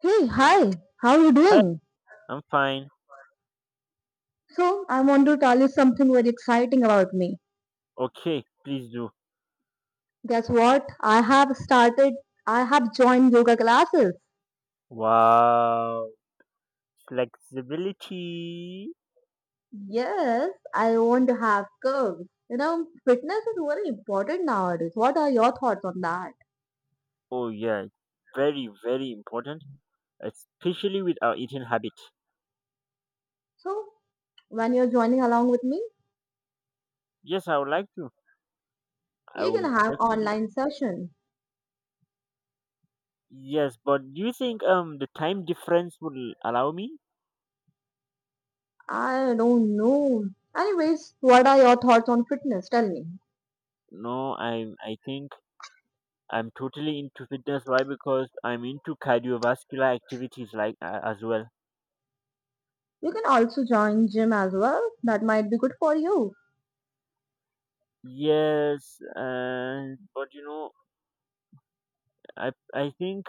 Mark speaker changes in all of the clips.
Speaker 1: Hey, hi, how are you
Speaker 2: Hi,
Speaker 1: doing?
Speaker 2: I'm fine.
Speaker 1: So, I want to tell you something very exciting about me.
Speaker 2: Okay, please do.
Speaker 1: Guess what? I have joined yoga classes.
Speaker 2: Wow. Flexibility.
Speaker 1: Yes, I want to have curves. You know, fitness is very important nowadays. What are your thoughts on that?
Speaker 2: Oh, yeah. Very, very important, especially with our eating habit.
Speaker 1: So, when you're joining along with me,
Speaker 2: Yes, I would like to. I
Speaker 1: you can
Speaker 2: would
Speaker 1: have
Speaker 2: definitely.
Speaker 1: online session.
Speaker 2: Yes, but do you think the time difference will allow me?
Speaker 1: I don't know. Anyways, what are your thoughts on fitness? Tell me.
Speaker 2: No, I think I'm totally into fitness. Why? Because I'm into cardiovascular activities as well.
Speaker 1: You can also join gym as well. That might be good for you.
Speaker 2: Yes, but you know, I think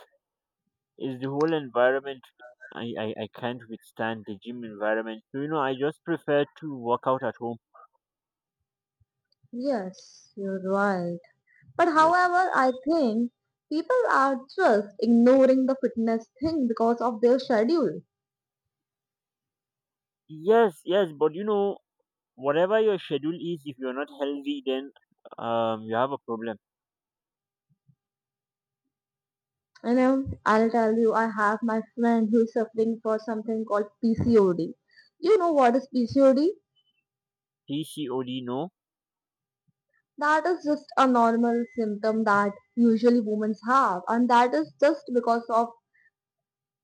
Speaker 2: is the whole environment. I can't withstand the gym environment. So, you know, I just prefer to work out at home.
Speaker 1: Yes, you're right. But
Speaker 2: Yeah.
Speaker 1: however, I think people are just ignoring the fitness thing because of their schedule.
Speaker 2: Yes, yes, but you know, whatever your schedule is, if you're not healthy, then you have a problem.
Speaker 1: You know, I'll tell you, I have my friend who is suffering for something called PCOD. You know what is PCOD?
Speaker 2: PCOD, no.
Speaker 1: That is just a normal symptom that usually women have, and that is just because of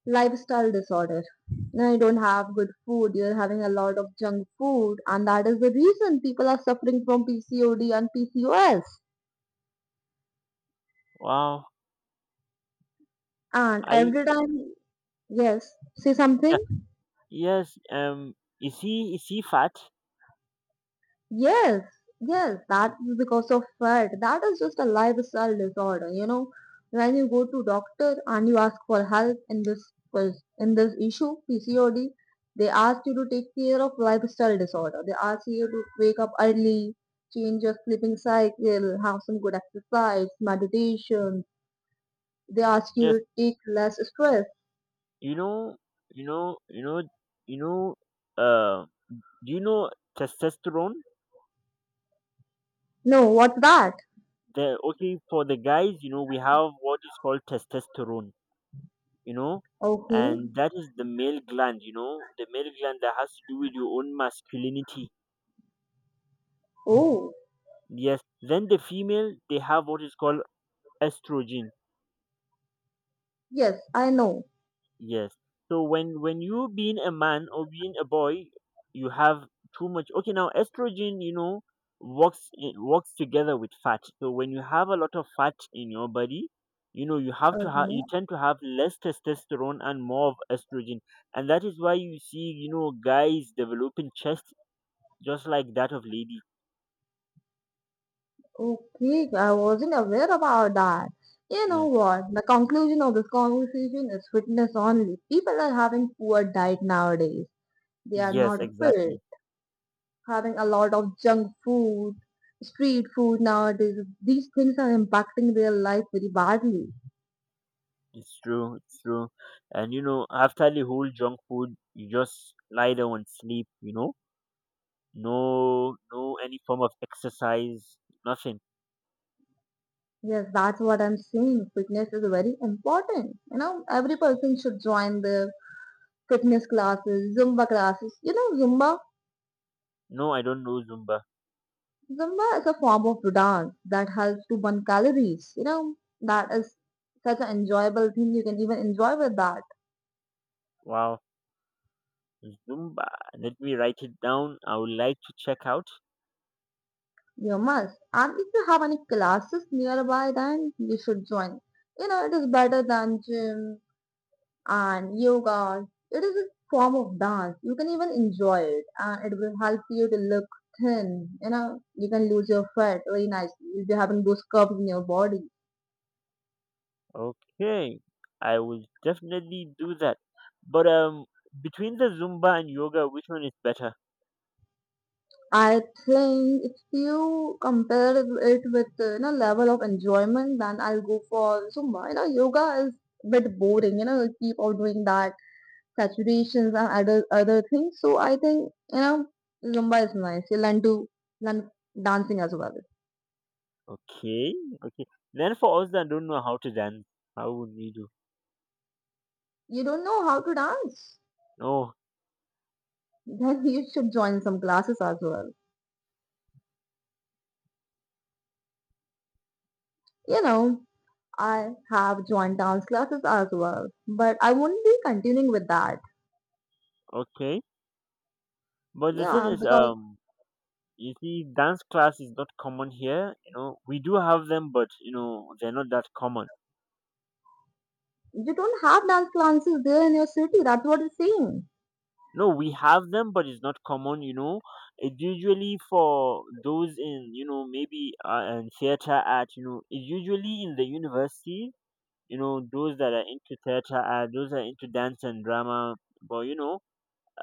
Speaker 1: lifestyle disorder. Now you don't have good food, you're having a lot of junk food, and that is the reason people are suffering from PCOD and PCOS.
Speaker 2: Wow.
Speaker 1: And
Speaker 2: I
Speaker 1: every time, yes, say
Speaker 2: yeah.
Speaker 1: something.
Speaker 2: Yes. Is he fat?
Speaker 1: Yes, yes, that is because of fat. That is just a lifestyle disorder, you know. When you go to doctor and you ask for help in this in this issue, PCOD, they ask you to take care of lifestyle disorder. They ask you to wake up early, change your sleeping cycle, have some good exercise, meditation. They ask you
Speaker 2: Yes.
Speaker 1: to take less stress.
Speaker 2: You know. You know. You know. You know. Uh. Do you know testosterone?
Speaker 1: No, what's that?
Speaker 2: The okay for the guys. You know we have what is called testosterone, you know,
Speaker 1: Okay.
Speaker 2: and that is the male gland, you know, the male gland that has to do with your own masculinity.
Speaker 1: Oh,
Speaker 2: Yes, then the female, they have what is called estrogen.
Speaker 1: yes, I know.
Speaker 2: Yes, so when you being a man or being a boy, you have too much, okay, now estrogen, you know, works in, works together with fat. So when you have a lot of fat in your body, you know, you have to have, you
Speaker 1: Okay.
Speaker 2: tend to have less testosterone and more of estrogen. And that is why you see, you know, guys developing chest just like that of lady.
Speaker 1: Okay, I wasn't aware about that. You know
Speaker 2: Yeah.
Speaker 1: what? The conclusion of this conversation is fitness only. People are having poor diet nowadays. They are
Speaker 2: Yes,
Speaker 1: not fit,
Speaker 2: exactly.
Speaker 1: having a lot of junk food, street food nowadays. These things are impacting their life very badly.
Speaker 2: It's true. It's true. And you know, after the whole junk food, you just lie down and sleep. You know, no, no, any form of exercise, nothing.
Speaker 1: Yes, that's what I'm saying. Fitness is very important. You know, every person should join the fitness classes, Zumba classes. You know, Zumba
Speaker 2: No, I don't know Zumba.
Speaker 1: Zumba is a form of dance that helps to burn calories. You know, that is such an enjoyable thing. You can even enjoy with that.
Speaker 2: Wow, Zumba. Let me write it down. I would like to check out.
Speaker 1: You must. And if you have any classes nearby, then you should join. You know, it is better than gym and yoga. It is a form of dance. You can even enjoy it and it will help you to look thin. You know, you can lose your fat very nicely. You'll be having those curves in your body.
Speaker 2: Okay, I will definitely do that. But between the Zumba and yoga, which one is better?
Speaker 1: I think if you compare it with you know level of enjoyment, then I'll go for Zumba. You know, yoga is a bit boring. You know, you keep on doing that saturations and other things. So I think you know Zumba is nice. You learn dancing as well.
Speaker 2: Okay, okay. Then for us that don't know how to dance, how would we do?
Speaker 1: You don't know how to dance,
Speaker 2: Oh,
Speaker 1: then you should join some classes as well. You know, I have joined dance classes as well, but I won't be continuing with that.
Speaker 2: okay. But the thing
Speaker 1: Yeah,
Speaker 2: is,
Speaker 1: because
Speaker 2: you see, dance class is not common here. You know, we do have them, but you know, they're not that common.
Speaker 1: you don't have dance classes there in your city. That's what you saying.
Speaker 2: No, we have them, but it's not common. You know, it's usually for those in, you know, maybe in theater art. You know, it's usually in the university. You know, those that are into theater art, those that are into dance and drama. But you know,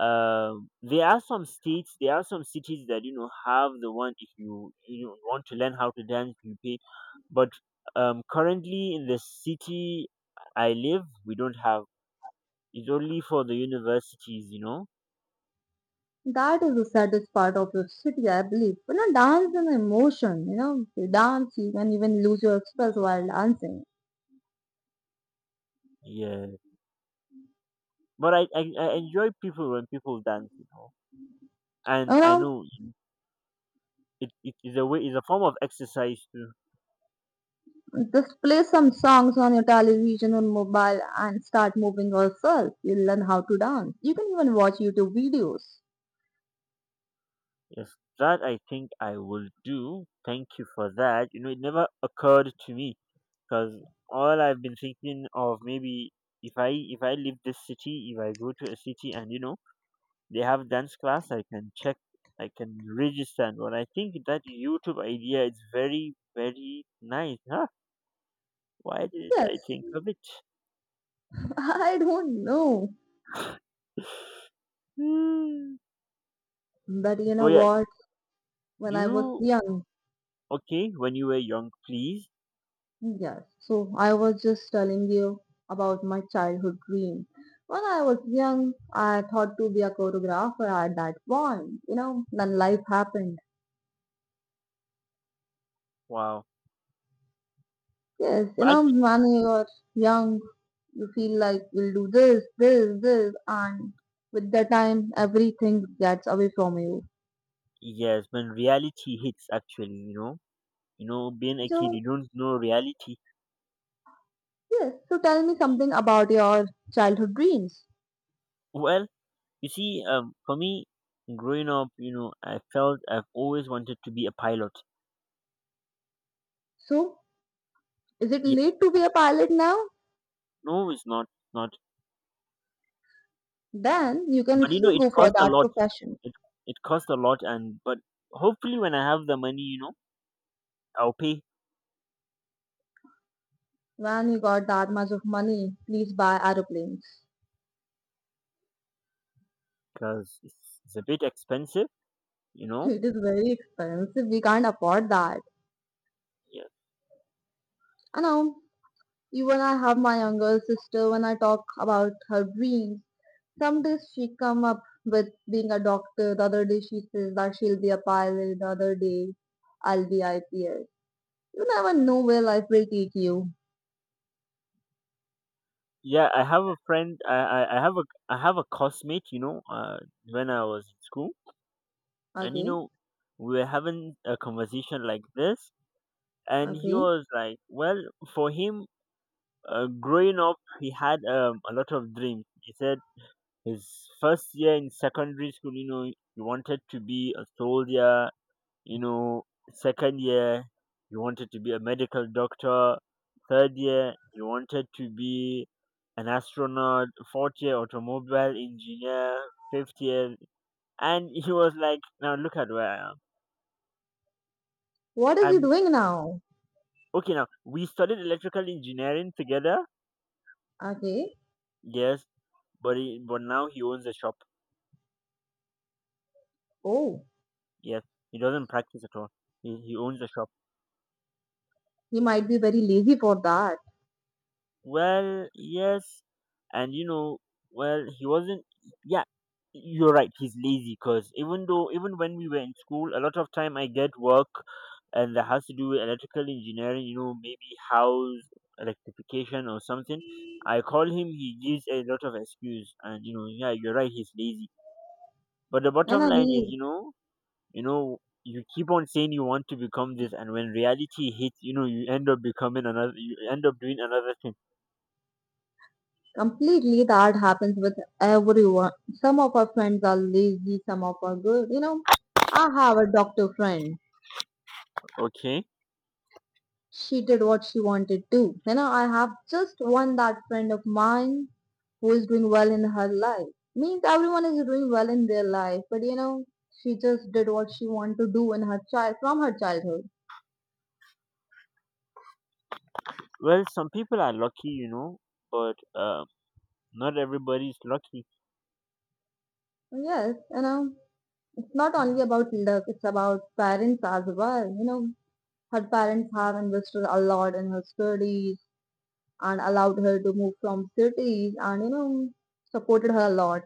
Speaker 2: there are some cities that you know have the one. If you want to learn how to dance, you pay. But currently in the city I live, we don't have. It's only for the universities, you know.
Speaker 1: That is the saddest part of your city, I believe. You know, dance is an emotion. You know, you dance, you can even lose your express while dancing.
Speaker 2: Yeah, but I enjoy people when people dance, you know, and
Speaker 1: You
Speaker 2: I
Speaker 1: know,
Speaker 2: know it is a form of exercise too.
Speaker 1: just play some songs on your television or mobile and start moving yourself. You'll learn how to dance. You can even watch YouTube videos.
Speaker 2: Yes, that I think I will do. Thank you for that. You know, it never occurred to me because all I've been thinking of, maybe if I leave this city, if I go to a city and you know they have dance class, I can check, I can register. And what I think that YouTube idea is very, very nice. Huh? Why did I
Speaker 1: Yes,
Speaker 2: think of it?
Speaker 1: I don't know.
Speaker 2: Hmm.
Speaker 1: But you
Speaker 2: But
Speaker 1: know
Speaker 2: yeah,
Speaker 1: what? When
Speaker 2: do
Speaker 1: I was
Speaker 2: you
Speaker 1: young,
Speaker 2: okay, when you were young, please?
Speaker 1: yes. So I was just telling you about my childhood dream. When I was young, I thought to be a choreographer at that point. You know, then life happened.
Speaker 2: Wow.
Speaker 1: Yes, you
Speaker 2: But
Speaker 1: know, when you're young, you feel like you'll do this, this, this, and with the time, everything gets away from you.
Speaker 2: yes, when reality hits, actually, you know, being a kid,
Speaker 1: So,
Speaker 2: you don't know reality.
Speaker 1: yes, so tell me something about your childhood dreams.
Speaker 2: Well, you see, for me, growing up, you know, I felt I've always wanted to be a pilot.
Speaker 1: So, is it
Speaker 2: Yeah,
Speaker 1: late to be a pilot now?
Speaker 2: no, it's not, not.
Speaker 1: Then you can
Speaker 2: But you know,
Speaker 1: still
Speaker 2: it
Speaker 1: go for
Speaker 2: costs a
Speaker 1: that
Speaker 2: lot.
Speaker 1: profession.
Speaker 2: It it costs a lot, and but hopefully, when I have the money, you know, I'll pay
Speaker 1: When we got that much of money, please buy aeroplanes.
Speaker 2: because it's a bit expensive, you know.
Speaker 1: It is very expensive. We can't afford that.
Speaker 2: Yeah,
Speaker 1: I know. Even I have my younger sister when I talk about her dreams. Some days she come up with being a doctor. The other day she says that she'll be a pilot. The other day I'll be IPS. You never know where life will take you.
Speaker 2: yeah. I have a friend. I have a, I have a classmate, you know, when I was in school and you
Speaker 1: Okay.
Speaker 2: know we were having a conversation like this. And he
Speaker 1: Okay.
Speaker 2: was like, well, for him, growing up he had, a lot of dreams, he said. His first year in secondary school, you know, he wanted to be a soldier. You know, second year, he wanted to be a medical doctor. Third year, he wanted to be an astronaut. Fourth year, automobile engineer. Fifth year, and he was like, now look at where I am.
Speaker 1: What is he
Speaker 2: I'm
Speaker 1: doing now?
Speaker 2: okay, now we studied electrical engineering together.
Speaker 1: Okay.
Speaker 2: Yes, but now he owns a shop.
Speaker 1: Oh,
Speaker 2: Yes, he doesn't practice at all. He owns a shop.
Speaker 1: he might be very lazy for that.
Speaker 2: Well, yes, and you know, well, he wasn't. Yeah, you're right. He's lazy because even though, even when we were in school, a lot of time I get work, and that has to do with electrical engineering. You know, maybe house electrification or something. I call him. He gives a lot of excuse, and you know, yeah, you're right. He's lazy. But the
Speaker 1: And
Speaker 2: bottom
Speaker 1: I
Speaker 2: line is, you know, you know, you keep on saying you want to become this, and when reality hits, you know, you end up becoming another. You end up doing another thing.
Speaker 1: completely, that happens with everyone. Some of our friends are lazy, some of are good. You know, I have a doctor friend.
Speaker 2: Okay.
Speaker 1: She did what she wanted to. You know, I have just one that friend of mine who is doing well in her life. Means everyone is doing well in their life, but you know, she just did what she wanted to do in her child from her childhood.
Speaker 2: Well, some people are lucky, you know, but not everybody is lucky.
Speaker 1: Yes, you know, it's not only about luck; it's about parents as well. You know, her parents have invested a lot in her studies and allowed her to move from cities and you know supported her a lot.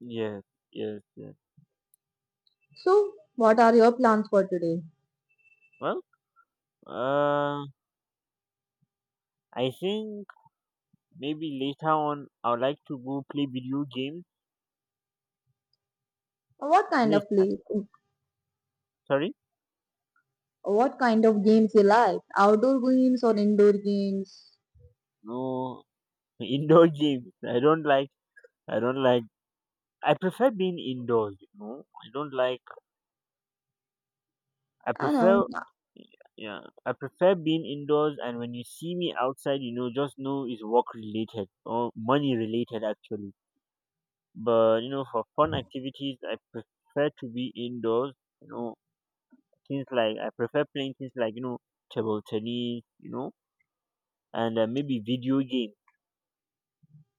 Speaker 2: Yes. Yes. Yes.
Speaker 1: So, what are your plans for today?
Speaker 2: Well, uh, I think maybe later on I would like to go play video games.
Speaker 1: What kind
Speaker 2: Yes.
Speaker 1: of
Speaker 2: uh,
Speaker 1: play?
Speaker 2: Sorry.
Speaker 1: What kind of games you like? Outdoor games or indoor games?
Speaker 2: No, indoor games. I don't like. I don't like. I prefer being indoors. You know. I don't like I
Speaker 1: I know.
Speaker 2: prefer yeah, I prefer being indoors, and when you see me outside, you know, just know it's work related or money related actually. But you know, for fun activities I prefer to be indoors, you know, things like I prefer playing things like, you know, table tennis, you know, and maybe video games.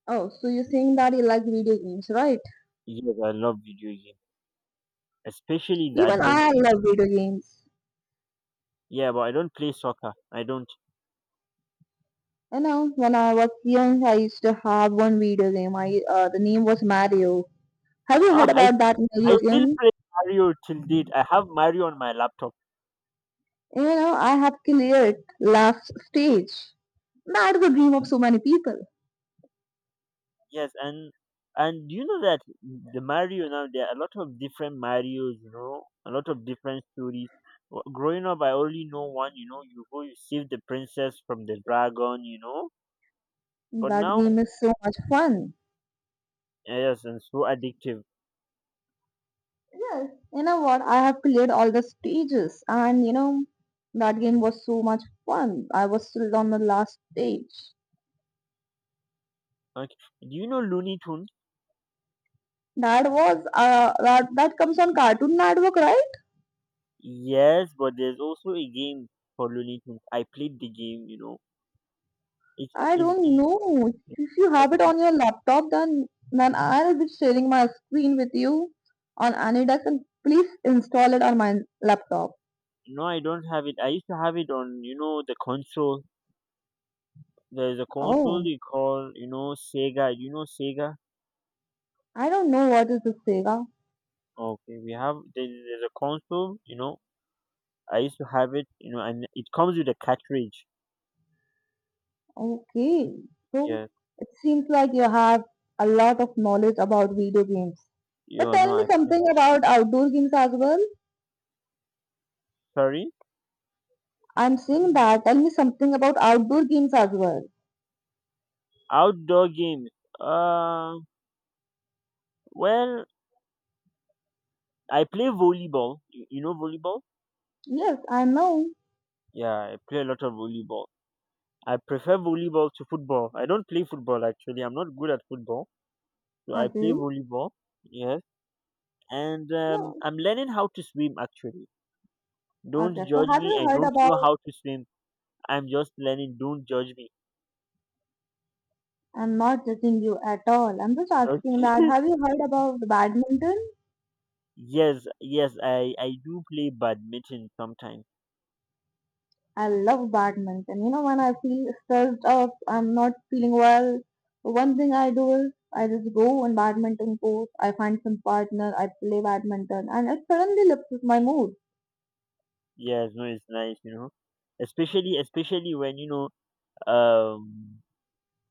Speaker 1: Oh, so you're saying that you like video games, right?
Speaker 2: Yes, I love video games. Especially the
Speaker 1: Even I
Speaker 2: adventure.
Speaker 1: love video games.
Speaker 2: Yeah, but I don't play soccer. I don't.
Speaker 1: You know, when I was young, I used to have one video game. I the name was Mario. Have you heard
Speaker 2: Ah, I
Speaker 1: about that Mario
Speaker 2: I still
Speaker 1: game?
Speaker 2: play Mario till date. I have Mario on my laptop.
Speaker 1: You know, I have cleared last stage. That's the dream of so many people.
Speaker 2: Yes, and you know that the Mario now there are a lot of different Marios, you know, a lot of different stories. Growing up, I only know one. You know, you go, you save the princess from the dragon. You know, but
Speaker 1: That
Speaker 2: now,
Speaker 1: game is so much fun.
Speaker 2: yes, and so addictive.
Speaker 1: Yes. You know what? I have cleared all the stages, and you know, that game was so much fun. I was still on the last stage.
Speaker 2: Okay, do you know Looney Tunes?
Speaker 1: That was that comes on Cartoon Network, right?
Speaker 2: Yes, but there's also a game for Looney Tunes. I played the game. You know, it's
Speaker 1: I
Speaker 2: it's,
Speaker 1: don't
Speaker 2: it's
Speaker 1: know. If you have it
Speaker 2: interesting.
Speaker 1: on your laptop, then I'll be sharing my screen with you on Anydesk, and please install it on my laptop.
Speaker 2: No, I don't have it. I used to have it on, you know, the console. There is a console
Speaker 1: Oh.
Speaker 2: they call, you know, Sega. You know Sega.
Speaker 1: I don't know what is a Sega.
Speaker 2: Okay, we have there's a console. You know, I used to have it. You know, and it comes with a cartridge.
Speaker 1: Okay, so
Speaker 2: Yes.
Speaker 1: it seems like you have a lot of knowledge about video games.
Speaker 2: You
Speaker 1: But
Speaker 2: know,
Speaker 1: tell me
Speaker 2: I
Speaker 1: something about outdoor games as well.
Speaker 2: sorry.
Speaker 1: I'm saying that. Tell me something about outdoor games as well.
Speaker 2: Outdoor games. Uh, well, I play volleyball. You know volleyball?
Speaker 1: Yes, I know.
Speaker 2: Yeah, I play a lot of volleyball. I prefer volleyball to football. I don't play football actually. I'm not good at football, so I play
Speaker 1: Okay.
Speaker 2: volleyball. Yes, and
Speaker 1: No.
Speaker 2: I'm learning how to swim actually. Don't
Speaker 1: Okay. So
Speaker 2: judge
Speaker 1: have
Speaker 2: me.
Speaker 1: you
Speaker 2: I
Speaker 1: heard
Speaker 2: don't know
Speaker 1: about?
Speaker 2: how to swim. I'm just learning. Don't judge me.
Speaker 1: I'm not judging you at all. I'm just asking that. Have you heard about badminton?
Speaker 2: Yes, yes, I do play badminton sometimes.
Speaker 1: I love badminton. You know, when I feel stressed up, I'm not feeling well, one thing I do is I just go on badminton court, I find some partner, I play badminton, and it suddenly lifts my mood.
Speaker 2: Yes, no, it's nice, you know. Especially when you know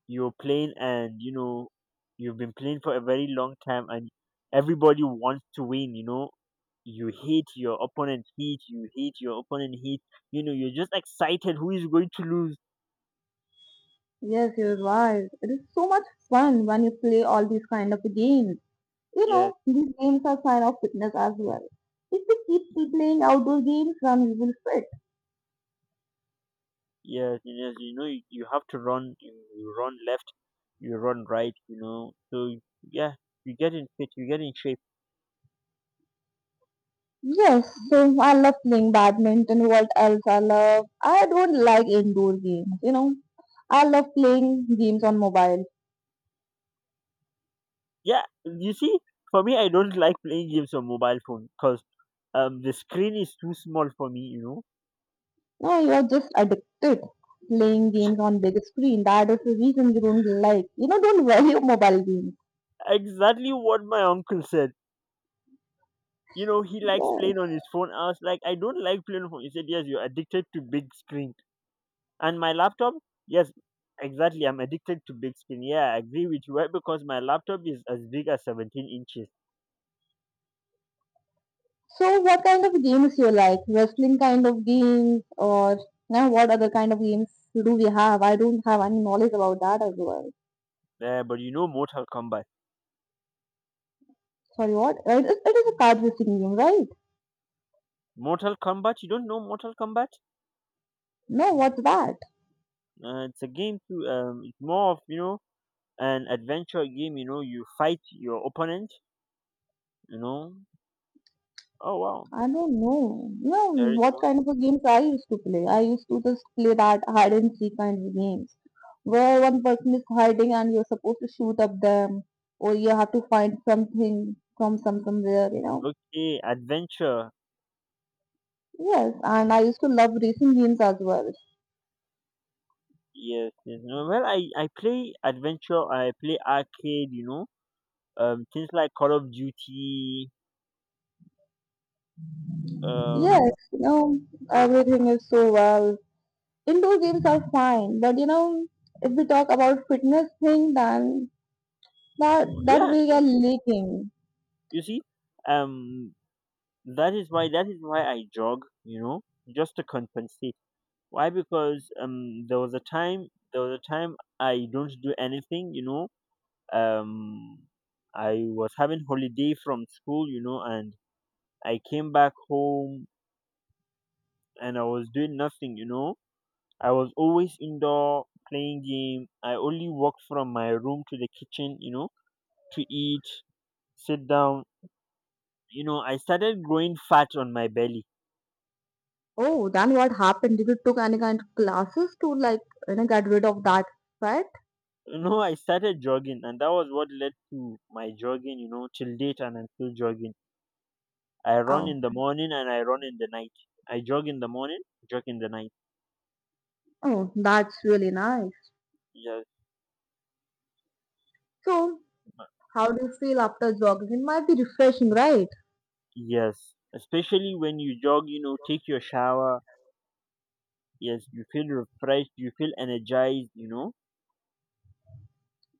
Speaker 2: you're playing and you know you've been playing for a very long time, and everybody wants to win, you know. You hate your opponent, hit, you know. You're just excited. Who is going to lose?
Speaker 1: Yes, you're right. It is so much fun when you play all these kind of games. You
Speaker 2: Yes.
Speaker 1: know, these games are sign of fitness as well. If you keep playing outdoor games, then you will fit.
Speaker 2: Yes, it is. You know, you have to run. You run left. You run right. You know. So yeah, you get in fit. You get in shape.
Speaker 1: Yes, so I love playing badminton. What else I love? I don't like indoor games, you know. I love playing games on mobile.
Speaker 2: Yeah. You see, for me, I don't like playing games on mobile phone because the screen is too small for me. You know,
Speaker 1: No, you're just addicted. Playing games on big screen. That is the reason you don't like, you know, don't value mobile games.
Speaker 2: exactly what my uncle said. You know, he likes
Speaker 1: Yeah.
Speaker 2: playing on his phone. I was like, I don't like playing on phone. He said, yes, you're addicted to big screen. And my laptop, yes, exactly. I'm addicted to big screen. Yeah, I agree with you. Right? Because my laptop is as big as 17 inches.
Speaker 1: So what kind of games you like? Wrestling kind of games or now what other kind of games do we have? I don't have any knowledge about that as well.
Speaker 2: Yeah, but you know Mortal Kombat.
Speaker 1: Sorry, what? Right, it is a card racing game, right?
Speaker 2: Mortal Kombat, you don't know Mortal Kombat?
Speaker 1: No, what's that?
Speaker 2: It's a game to it's more of, you know, an adventure game, you know, you fight your opponent, you know. Oh wow.
Speaker 1: I don't know. You know
Speaker 2: There is
Speaker 1: what
Speaker 2: more,
Speaker 1: kind of a games I used to play? I used to just play that hide and seek kind of games where one person is hiding and you're supposed to shoot up them or you have to find something from some somewhere, you know.
Speaker 2: okay, adventure.
Speaker 1: Yes, and I used to love racing games as well.
Speaker 2: Yes, yes. No, well I play adventure, I play arcade, you know. Things like Call of Duty,
Speaker 1: Yes,
Speaker 2: um
Speaker 1: you know, everything is so well. Indoor games are fine, but you know, if we talk about fitness thing, then that
Speaker 2: yeah,
Speaker 1: we are lacking.
Speaker 2: you see? Um that is why I jog, you know, just to compensate. Why? Because there was a time I don't do anything. You know, um, I was having holiday from school. You know, and I came back home and I was doing nothing. You know, I was always indoor playing game. I only walked from my room to the kitchen. You know, to eat, sit down. You know, I started growing fat on my belly.
Speaker 1: Oh, then what happened? Did you took any kind of classes to like you know get rid of that fat?
Speaker 2: You know, I started jogging, and that was what led to my jogging, you know, till date, and I'm still jogging. I run
Speaker 1: Oh,
Speaker 2: in the morning and I run in the night. I jog in the morning, jog in the night.
Speaker 1: oh, that's really nice.
Speaker 2: Yes,
Speaker 1: So, how do you feel after jogging? It might be refreshing, right?
Speaker 2: yes. Especially when you jog, you know, take your shower. Yes, you feel refreshed. You feel energized.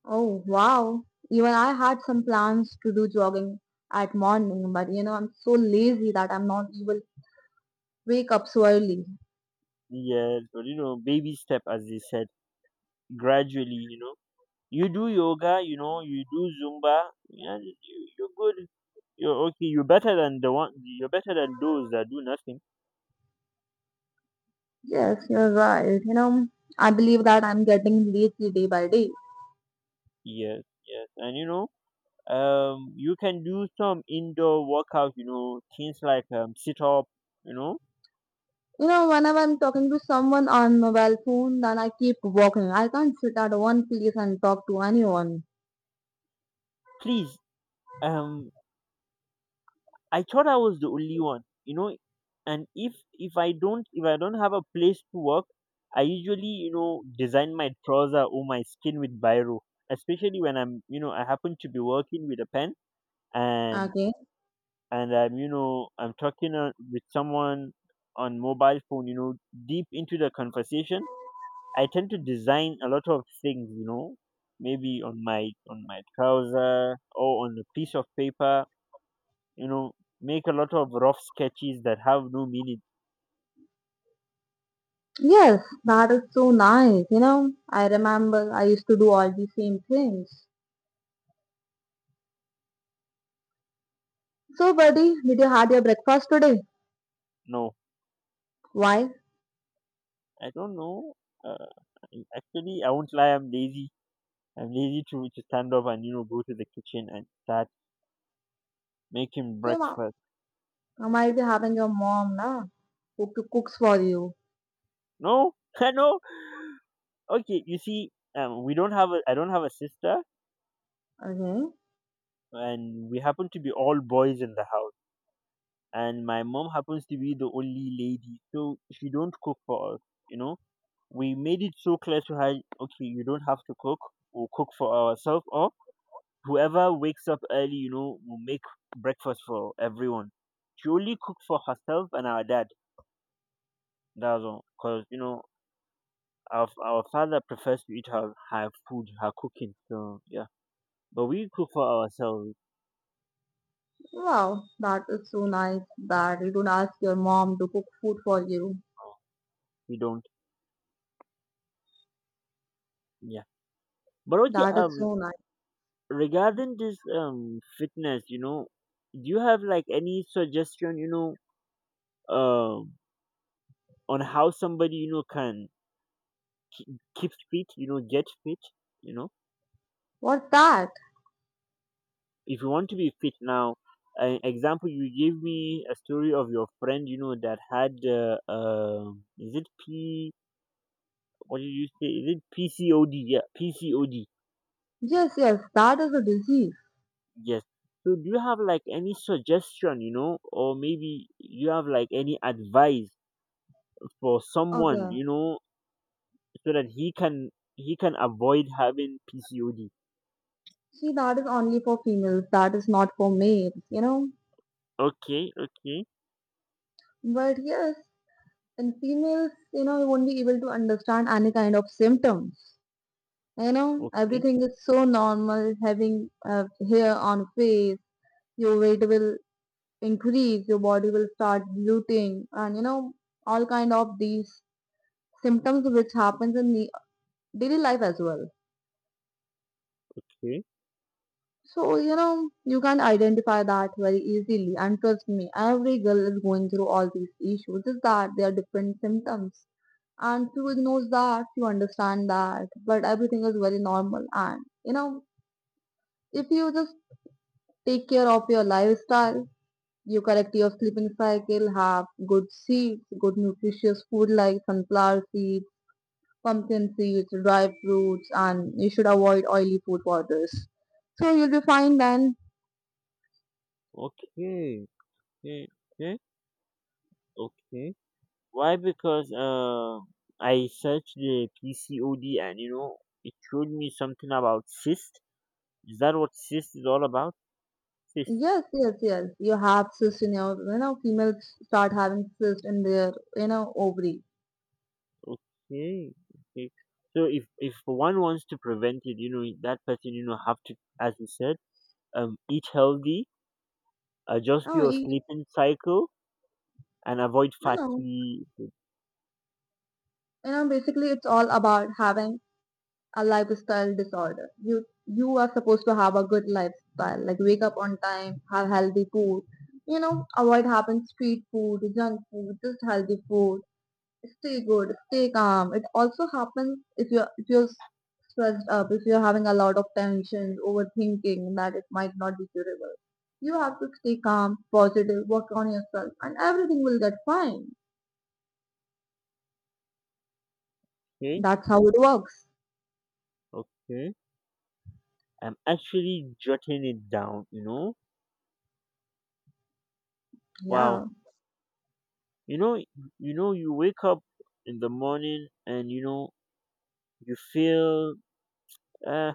Speaker 1: Oh, wow. Even I had some plans to do jogging at morning, but you know I'm so lazy that I'm not even wake up so early.
Speaker 2: Yes, but you know, baby step, as they said, gradually. You know, you do yoga. You know, you do Zumba. Yeah, you, you're good. You're okay. You're better than the one. You're better than those that do nothing.
Speaker 1: Yes, you're right. You know, I believe that I'm getting lazy day by day.
Speaker 2: Yes, yes. And you know, you can do some indoor workout, you know, things like sit up, you know
Speaker 1: You know, whenever I'm talking to someone on mobile phone, then I keep walking. I can't sit at one place and talk to anyone.
Speaker 2: please. um I thought I was the only one, and if I don't, if I don't have a place to work, I usually, you know, design my trouser or my skin with biro, especially when I'm you know I happen to be working with a pen. And
Speaker 1: Okay.
Speaker 2: I'm, you know, I'm talking with someone on mobile phone, you know, deep into the conversation. I tend to design a lot of things, you know, maybe on my trouser or on a piece of paper, you know, make a lot of rough sketches that have no meaning.
Speaker 1: Yes, that is so nice. You know, I remember I used to do all the same things. So, buddy, did you have your breakfast today?
Speaker 2: No,
Speaker 1: Why?
Speaker 2: I don't know. Uh, Actually, I won't lie. I'm lazy. I'm lazy to stand up and, you know, go to the kitchen and start making
Speaker 1: So,
Speaker 2: breakfast.
Speaker 1: I might be having your mom na who cooks for you.
Speaker 2: No, I know. Okay, you see, we don't have a. I don't have a sister,
Speaker 1: Okay.
Speaker 2: and we happen to be all boys in the house, and my mom happens to be the only lady, so she don't cook for us, you know. We made it so clear to her, okay, you don't have to cook. We'll cook for ourselves, or whoever wakes up early, you know, will make breakfast for everyone. She only cooks for herself and our dad. That's all, because, you know, our father prefers to eat her food, her cooking. So, yeah, but we cook for ourselves.
Speaker 1: Wow, that is so nice that you don't ask your mom to cook food for you.
Speaker 2: We don't. Yeah, but okay,
Speaker 1: That is so nice.
Speaker 2: regarding this fitness, you know, do you have like any suggestion, you know, um on how somebody, you know, can keep fit, you know, get fit, you know,
Speaker 1: What's that?
Speaker 2: if you want to be fit now. An example, you gave me a story of your friend, you know, that had is it p, what did you say, is it pcod? Yeah, pcod.
Speaker 1: Yes, yes, that is a disease.
Speaker 2: Yes. So do you have like any suggestion, you know, or maybe you have like any advice for someone,
Speaker 1: Okay.
Speaker 2: you know, so that he can avoid having PCOD.
Speaker 1: See, that is only for females. That is not for males, you know.
Speaker 2: Okay, okay,
Speaker 1: But yes, in females, you know, you won't be able to understand any kind of symptoms. You know,
Speaker 2: okay,
Speaker 1: everything is so normal. Having hair on face, your weight will increase, your body will start bloating, and you know, all kind of these symptoms which happens in the daily life as well.
Speaker 2: okay,
Speaker 1: So, you know, you can identify that very easily. And trust me, every girl is going through all these issues. Just that they are different symptoms. And few ignore that, you understand that. But everything is very normal. And, you know, if you just take care of your lifestyle, you correct your sleeping cycle, have good seeds, good nutritious food like sunflower seeds, pumpkin seeds, dry fruits, and you should avoid oily food powders. So you'll be fine then.
Speaker 2: okay, okay, okay, okay. Why? Because I searched the PCOD, and you know, it showed me something about cyst. Is that what cyst is all about? Cyst.
Speaker 1: Yes, yes, yes. You have cysts in your, you know, females start having cysts in their, you know, ovary.
Speaker 2: Okay, okay. So if one wants to prevent it, you know, that person, you know, have to, as you said, eat healthy, adjust
Speaker 1: No,
Speaker 2: your
Speaker 1: you,
Speaker 2: sleeping cycle, and avoid
Speaker 1: no.
Speaker 2: fatty.
Speaker 1: You know, basically, it's all about having a lifestyle disorder. You are supposed to have a good lifestyle, like wake up on time, have healthy food. You know, avoid having street food, junk food, just healthy food. Stay good, stay calm. It also happens if you're stressed up, if you're having a lot of tension, overthinking that it might not be curable. You have to stay calm, positive, work on yourself, and everything will get fine.
Speaker 2: Okay,
Speaker 1: That's how it works.
Speaker 2: okay. I'm actually jotting it down, you know.
Speaker 1: Yeah.
Speaker 2: Wow. You know, you know, you wake up in the morning, and you know, you feel uh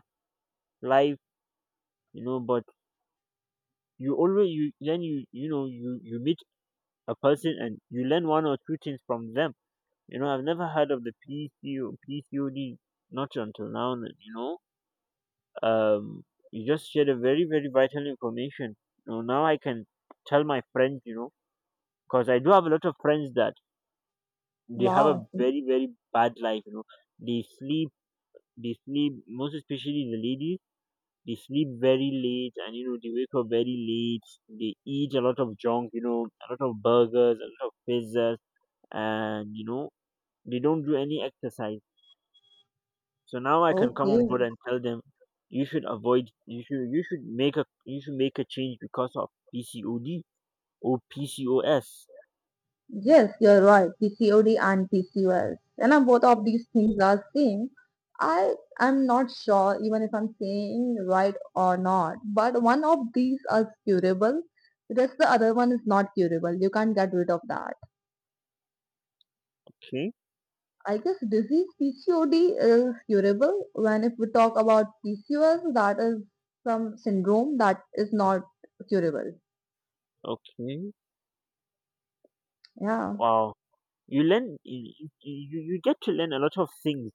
Speaker 2: life, you know, but you always you then you know you you meet a person and you learn one or two things from them. You know, I've never heard of the PCO PCOD, not until now, you know. Um, you just shared a very very vital information. You know, now I can tell my friends, you know, because I do have a lot of friends that they have a
Speaker 1: Wow.
Speaker 2: very very bad life, you know. they sleep they sleep, most especially the ladies, they sleep very late, and you know, they wake up very late. They eat a lot of junk, you know, a lot of burgers, a lot of pizzas, and you know, they don't do any exercise. So now I can come
Speaker 1: Okay.
Speaker 2: on board and tell them, you should avoid, you should make a, you should make a change because of pcod or pcos.
Speaker 1: Yes, you're right. PCOD and PCOS. And know, both of these things are same. I am not sure even if I'm saying right or not, but one of these is curable, whereas the other one is not curable. You can't get rid of that.
Speaker 2: Okay,
Speaker 1: I guess disease PCOD is curable. When if we talk about PCOS, that is some syndrome that is not curable.
Speaker 2: okay.
Speaker 1: Yeah.
Speaker 2: Wow, you learn, you get to learn a lot of things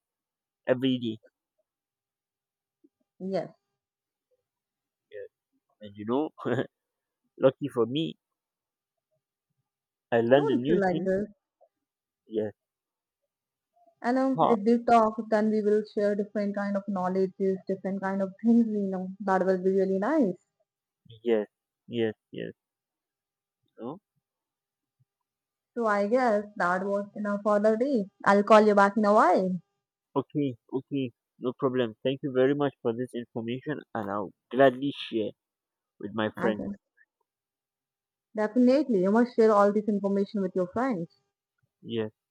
Speaker 2: every day.
Speaker 1: Yes.
Speaker 2: Yeah. And you know, lucky for me, I learned a
Speaker 1: Don't feel
Speaker 2: new
Speaker 1: like
Speaker 2: thing.
Speaker 1: this.
Speaker 2: Yes.
Speaker 1: And
Speaker 2: Huh.
Speaker 1: if we talk, then we will share different kind of knowledges, different kind of things we know. That will be really nice.
Speaker 2: Yes. Yes. Yes. No.
Speaker 1: So I guess that was enough for the day. I'll call you back in a while.
Speaker 2: Okay. Okay. No problem. Thank you very much for this information, and I'll gladly share with my
Speaker 1: I
Speaker 2: friends.
Speaker 1: guess. Definitely. You must share all this information with your friends.
Speaker 2: Yes.